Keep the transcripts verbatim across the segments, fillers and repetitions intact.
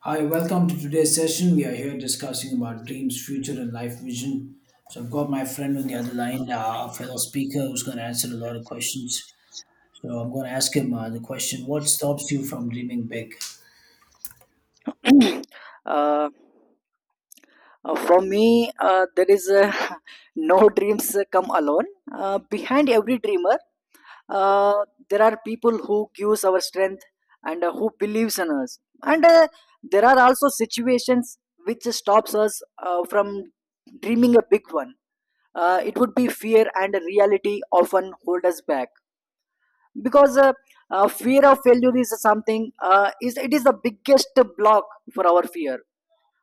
Hi, welcome to today's session. We are here discussing about dreams, future, and life vision. So I've got my friend on the other line, uh, a fellow speaker who's going to answer a lot of questions. So I'm going to ask him uh, the question: What stops you from dreaming big? uh, uh, for me, uh, there is uh, no dreams uh, come alone. Uh, behind every dreamer, uh, there are people who gives our strength and uh, who believes in us. And uh, There are also situations which stops us uh, from dreaming a big one. Uh, it would be fear and reality often hold us back because uh, uh, fear of failure is something uh, is it is the biggest block for our fear,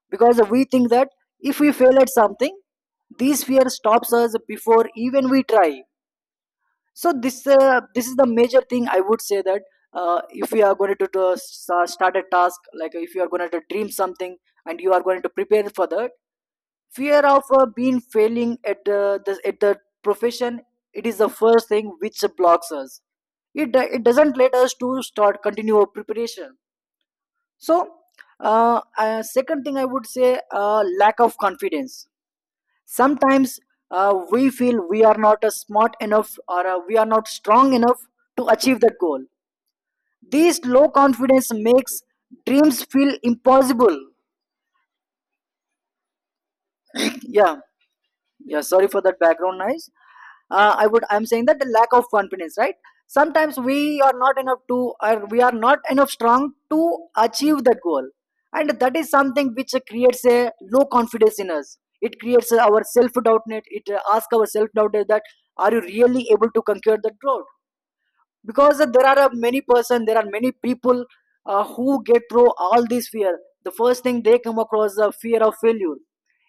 because we think that if we fail at something, this fear stops us before even we try. So this uh, this is the major thing I would say, that uh, if you are going to, do- sa- start a task, like if you are going to dream something and you are going to prepare for that, fear of uh, being failing at uh, the at the profession, it is the first thing which blocks us. It, do- it doesn't let us to start continue our preparation. So, uh, uh, second thing I would say, uh, lack of confidence. Sometimes uh, we feel we are not uh, smart enough or uh, we are not strong enough to achieve that goal. This low confidence makes dreams feel impossible. Yeah. Yeah, sorry for that background noise. uh, i would I'm saying that the lack of confidence, right? Sometimes we are not enough to, or we are not enough strong to achieve that goal, and that is something which creates a low confidence in us. It creates our self doubt, net it uh, asks our self doubt that, are you really able to conquer that road? Because there are uh, many person there are many people uh, who get through all this fear. The first thing they come across, the fear of failure,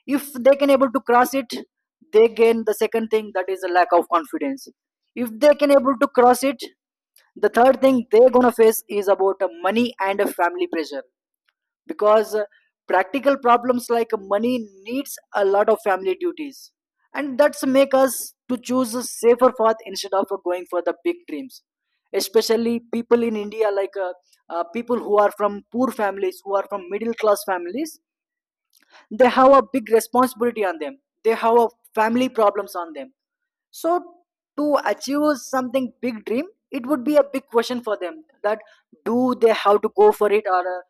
if they can able to cross it, they gain the second thing, that is a lack of confidence. If they can able to cross it, the third thing they're gonna face is about uh, money and a family pressure, because uh, practical problems like money needs, a lot of family duties, and that's make us to choose a safer path instead of uh, going for the big dreams. Especially people in India, like uh, uh, people who are from poor families, who are from middle class families, they have a big responsibility on them, they have a family problems on them. So to achieve something big dream, it would be a big question for them, that do they have to go for it, or uh,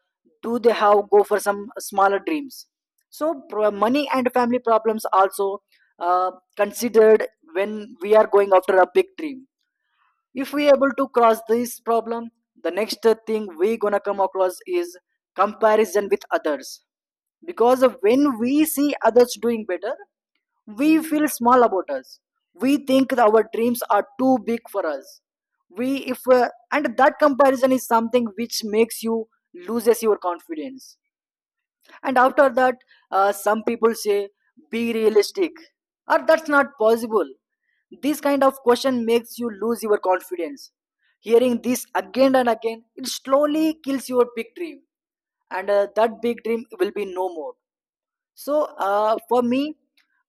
do they have go for some smaller dreams. So, pro- money and family problems also uh, considered when we are going after a big dream. If we able to cross this problem, the next thing we gonna come across is comparison with others, because when we see others doing better, we feel small about us. We think that our dreams are too big for us. We if uh, and that comparison is something which makes you loses your confidence. And after that, uh, some people say, be realistic, or that's not possible. This kind of question makes you lose your confidence. Hearing this again and again, it slowly kills your big dream, and uh, that big dream will be no more. So uh, for me,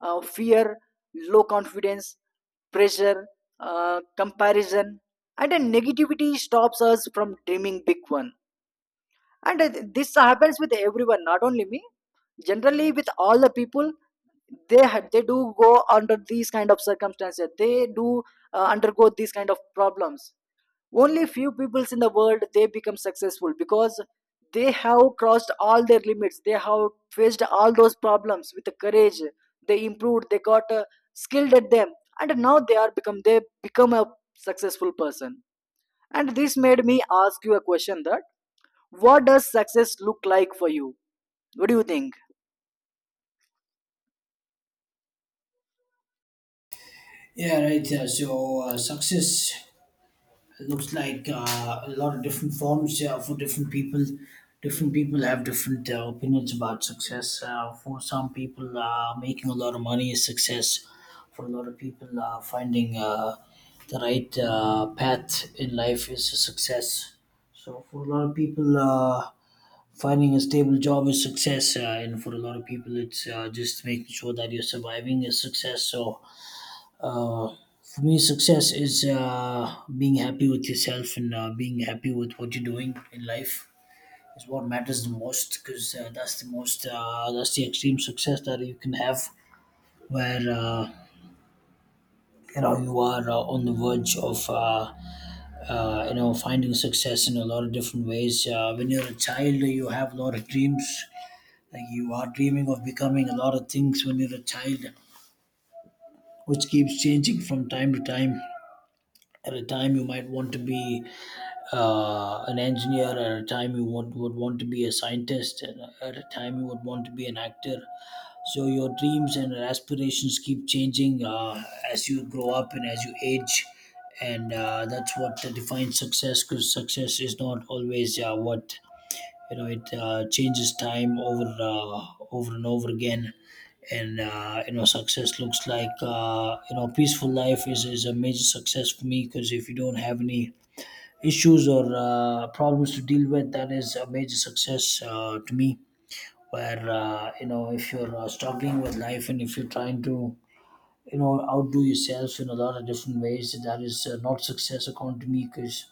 uh, fear, low confidence, pressure, uh, comparison, and a negativity stops us from dreaming big one. And uh, This happens with everyone, not only me. Generally, with all the people, they had they do go under these kind of circumstances. They do uh, undergo these kind of problems. Only few peoples in the world, they become successful, because they have crossed all their limits, they have faced all those problems with courage, they improved, they got uh, skilled at them, and now they are become they become a successful person. And this made me ask you a question, that what does success look like for you? What do you think? Yeah, right. Uh, so uh, success it looks like uh, a lot of different forms uh, for different people. Different people have different uh, opinions about success. Uh, for some people, uh, making a lot of money is success. For a lot of people, uh, finding uh, the right uh, path in life is a success. So, for a lot of people, uh, finding a stable job is success. Uh, and for a lot of people, it's uh, just making sure that you're surviving is success. So, uh, for me, success is uh, being happy with yourself and uh, being happy with what you're doing in life is what matters the most, because uh, that's the most uh, that's the extreme success that you can have, where uh, you know you are uh, on the verge of uh, uh, you know finding success in a lot of different ways. Uh, when you're a child, you have a lot of dreams. Like, you are dreaming of becoming a lot of things when you're a child, which keeps changing from time to time. At a time, you might want to be uh, an engineer; at a time you want would want to be a scientist; and at a time you would want to be an actor. So your dreams and aspirations keep changing uh, as you grow up and as you age, and uh, that's what defines success, because success is not always uh, what, you know, it uh, changes time over uh, over and over again. And uh, you know success looks like, uh, you know peaceful life is, is a major success for me, because if you don't have any issues or uh, problems to deal with, that is a major success uh, to me, where uh, you know if you're uh, struggling with life and if you're trying to, you know outdo yourself in a lot of different ways, that is uh, not success according to me, because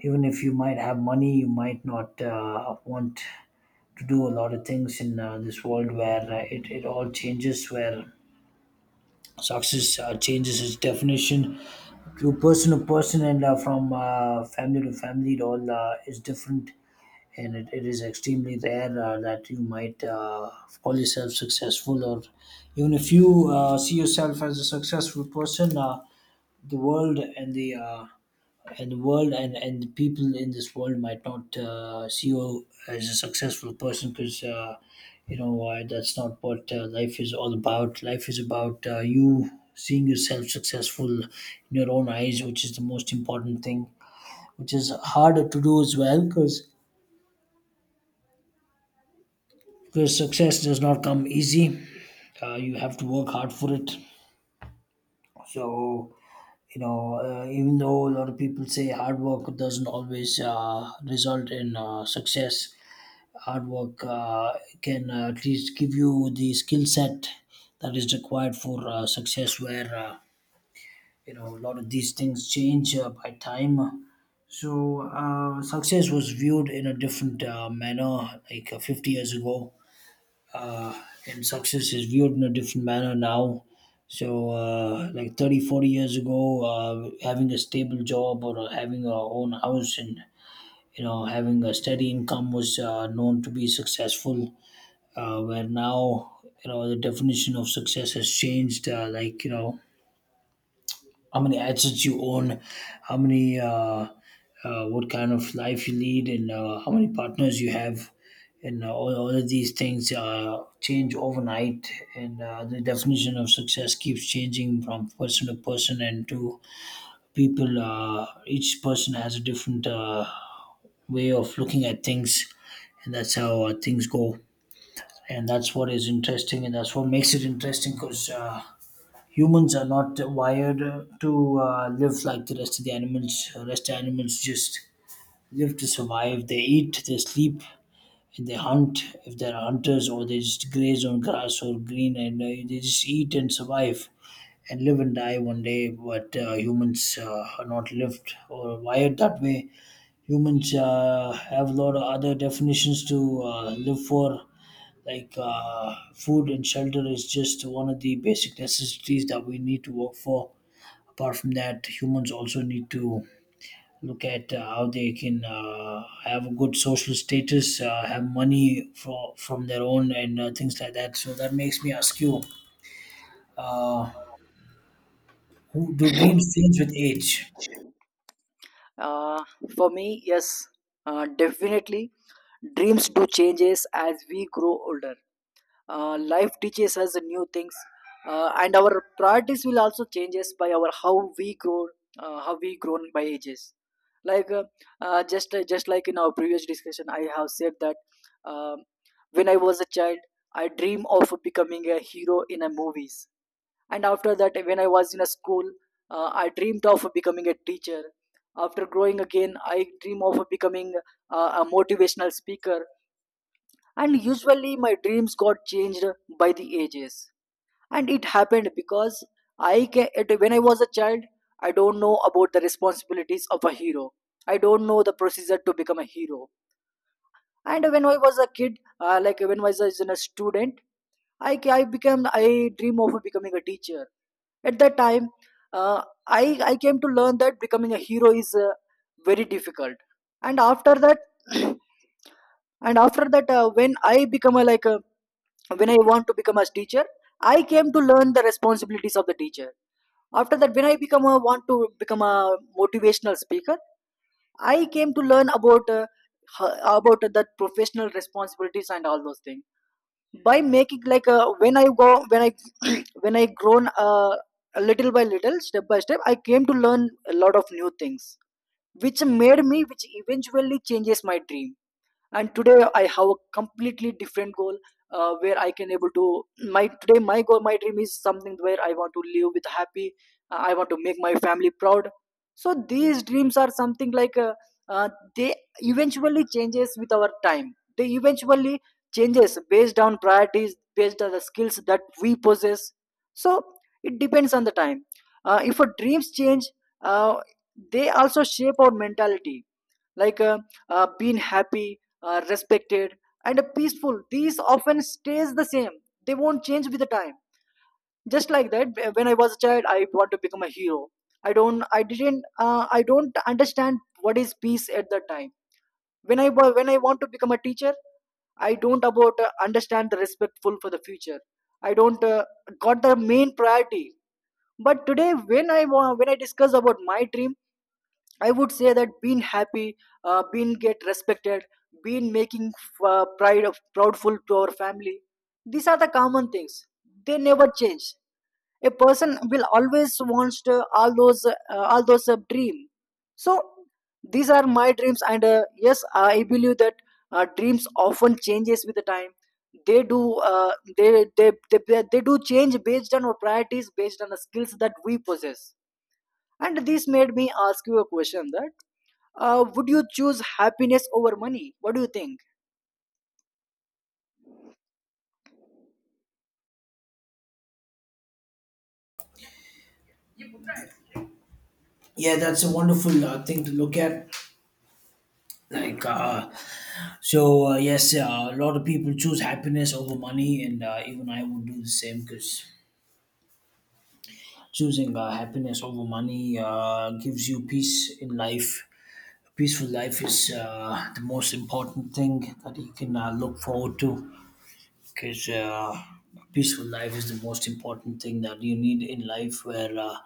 even if you might have money, you might not uh, want to do a lot of things in uh, this world, where uh, it, it all changes, where success uh, changes its definition to person to person, and uh, from uh, family to family it all uh, is different. And it, it is extremely rare uh, that you might uh, call yourself successful, or even if you uh, see yourself as a successful person, uh, the world and the uh, and the world and, and the people in this world might not uh, see you as a successful person, because uh, you know uh, that's not what uh, life is all about. Life is about, uh, you seeing yourself successful in your own eyes, which is the most important thing, which is harder to do as well, because because success does not come easy. Uh, you have to work hard for it. So, you know, uh, even though a lot of people say hard work doesn't always uh, result in uh, success, hard work uh, can uh, at least give you the skill set that is required for uh, success, where, uh, you know, a lot of these things change uh, by time. So, uh, success was viewed in a different uh, manner like uh, fifty years ago, uh, and success is viewed in a different manner now. So, uh, like thirty, forty years ago, uh, having a stable job, or having our own house and, you know having a steady income, was uh, known to be successful. Uh, where now, you know, the definition of success has changed. Uh, like you know, how many assets you own, how many, uh, uh, what kind of life you lead, and uh, how many partners you have. And uh, all, all of these things uh, change overnight, and uh, the definition of success keeps changing from person to person and to people. Uh, each person has a different uh, way of looking at things, and that's how uh, things go. And that's what is interesting, and that's what makes it interesting. Because. Uh, Humans are not wired to uh, live like the rest of the animals. The rest animals just live to survive. They eat, they sleep, and they hunt if they're hunters, or they just graze on grass or green, and uh, they just eat and survive and live and die one day. But uh, humans uh, are not lived or wired that way. Humans uh, have a lot of other definitions to uh, live for. Like, uh, food and shelter is just one of the basic necessities that we need to work for. Apart from that, humans also need to look at uh, how they can uh, have a good social status, uh, have money for, from their own, and uh, things like that. So that makes me ask you, uh, who, do dreams change with age? uh, for me, yes, uh, definitely dreams do changes as we grow older. Uh, life teaches us new things, uh, and our priorities will also changes by our how we grow, uh, how we grown by ages. like uh, uh, just uh, just like in our previous discussion, I have said that, um when I was a child, I dream of becoming a hero in a movies. And after that, when I was in a school, uh, I dreamed of becoming a teacher. After growing again, I dream of becoming uh, a motivational speaker. And usually my dreams got changed by the ages. And it happened because I, ca- at- when I was a child, I don't know about the responsibilities of a hero. I don't know the procedure to become a hero. And when I was a kid, uh, like when I was a a student, I, ca- I became I dream of becoming a teacher. At that time, uh, I I came to learn that becoming a hero is uh, very difficult. And after that, and after that, uh, when I become a, like a, when I want to become a teacher, I came to learn the responsibilities of the teacher. After that, when I become a want to become a motivational speaker, I came to learn about uh, h- about the professional responsibilities and all those things. By making, like uh, when I go when I when I grown uh, little by little, step by step, I came to learn a lot of new things which made me which eventually changes my dream. And today I have a completely different goal, uh, where I can able to my today my goal, my dream is something where I want to live with happy, uh, I want to make my family proud. So these dreams are something like uh, uh, they eventually changes with our time. They eventually changes based on priorities, based on the skills that we possess. So it depends on the time, uh, if our dreams change, uh, they also shape our mentality. like uh, uh, Being happy, uh, respected, and uh, peaceful, these often stays the same. They won't change with the time. Just like that, when I was a child, I want to become a hero. i don't i didn't uh, I don't understand what is peace at that time. When i wa- when I want to become a teacher, I don't about uh, understand the respectful for the future. I don't uh, got the main priority. But today, when I wa- when I discuss about my dream, I would say that being happy, uh, being get respected, being making uh, pride of proudful to our family. These are the common things. They never change. A person will always wants to all those uh, all those uh, dream. So these are my dreams. And uh, yes, I believe that uh, dreams often changes with the time. They do uh, they, they they they do change based on our priorities, based on the skills that we possess. And this made me ask you a question, that uh, would you choose happiness over money? What do you think? Yeah, that's a wonderful uh, thing to look at. Like, uh, so uh, yes, uh, a lot of people choose happiness over money, and uh, even I would do the same, because choosing uh, happiness over money uh, gives you peace in life. A peaceful life is uh, the most important thing that you can uh, look forward to, because uh, a peaceful life is the most important thing that you need in life. Where uh,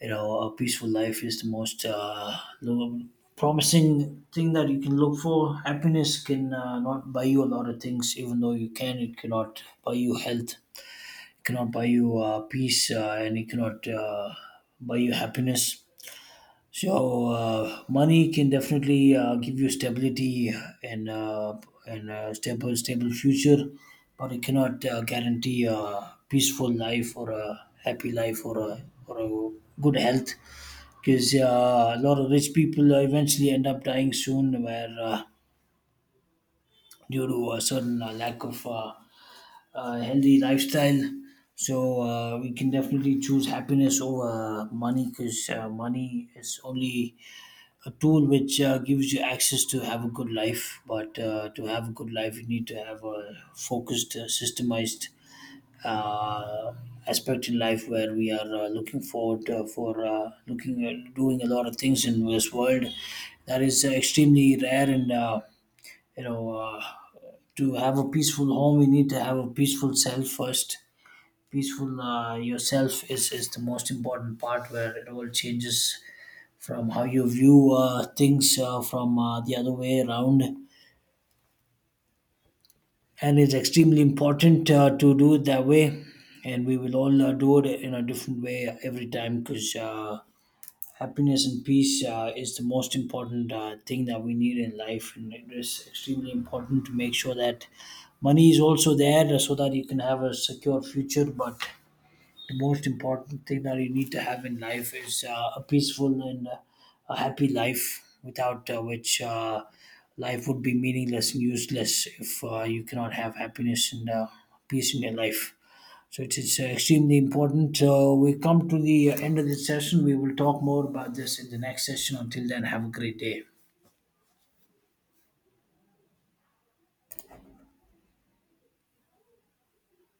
you know a peaceful life is the most uh, lo- promising thing that you can look for. Happiness can uh, not buy you a lot of things, even though you can. It cannot buy you health. It cannot buy you uh, peace, uh, and it cannot uh, buy you happiness. So uh, money can definitely uh, give you stability, and uh, and uh, stable stable future, but it cannot uh, guarantee a peaceful life, or a happy life, or a or a good health. Because uh, a lot of rich people uh, eventually end up dying soon, where uh, due to a certain uh, lack of uh, uh, healthy lifestyle. So uh, we can definitely choose happiness over money, because uh, money is only a tool which uh, gives you access to have a good life. But uh, to have a good life, you need to have a focused, uh, systemized uh, aspect in life, where we are uh, looking forward uh, for uh, looking at doing a lot of things in this world. That is uh, extremely rare, and, uh, you know, uh, to have a peaceful home, we need to have a peaceful self first. Peaceful uh, yourself is, is the most important part, where it all changes from how you view uh, things uh, from uh, the other way around. And it's extremely important uh, to do it that way. And we will all uh, do it in a different way every time, because uh, happiness and peace uh, is the most important uh, thing that we need in life. And it is extremely important to make sure that money is also there so that you can have a secure future. But the most important thing that you need to have in life is uh, a peaceful and uh, a happy life, without uh, which uh, life would be meaningless and useless if uh, you cannot have happiness and uh, peace in your life. So it is uh, extremely important. So we come to the end of this session. We will talk more about this in the next session. Until then, have a great day.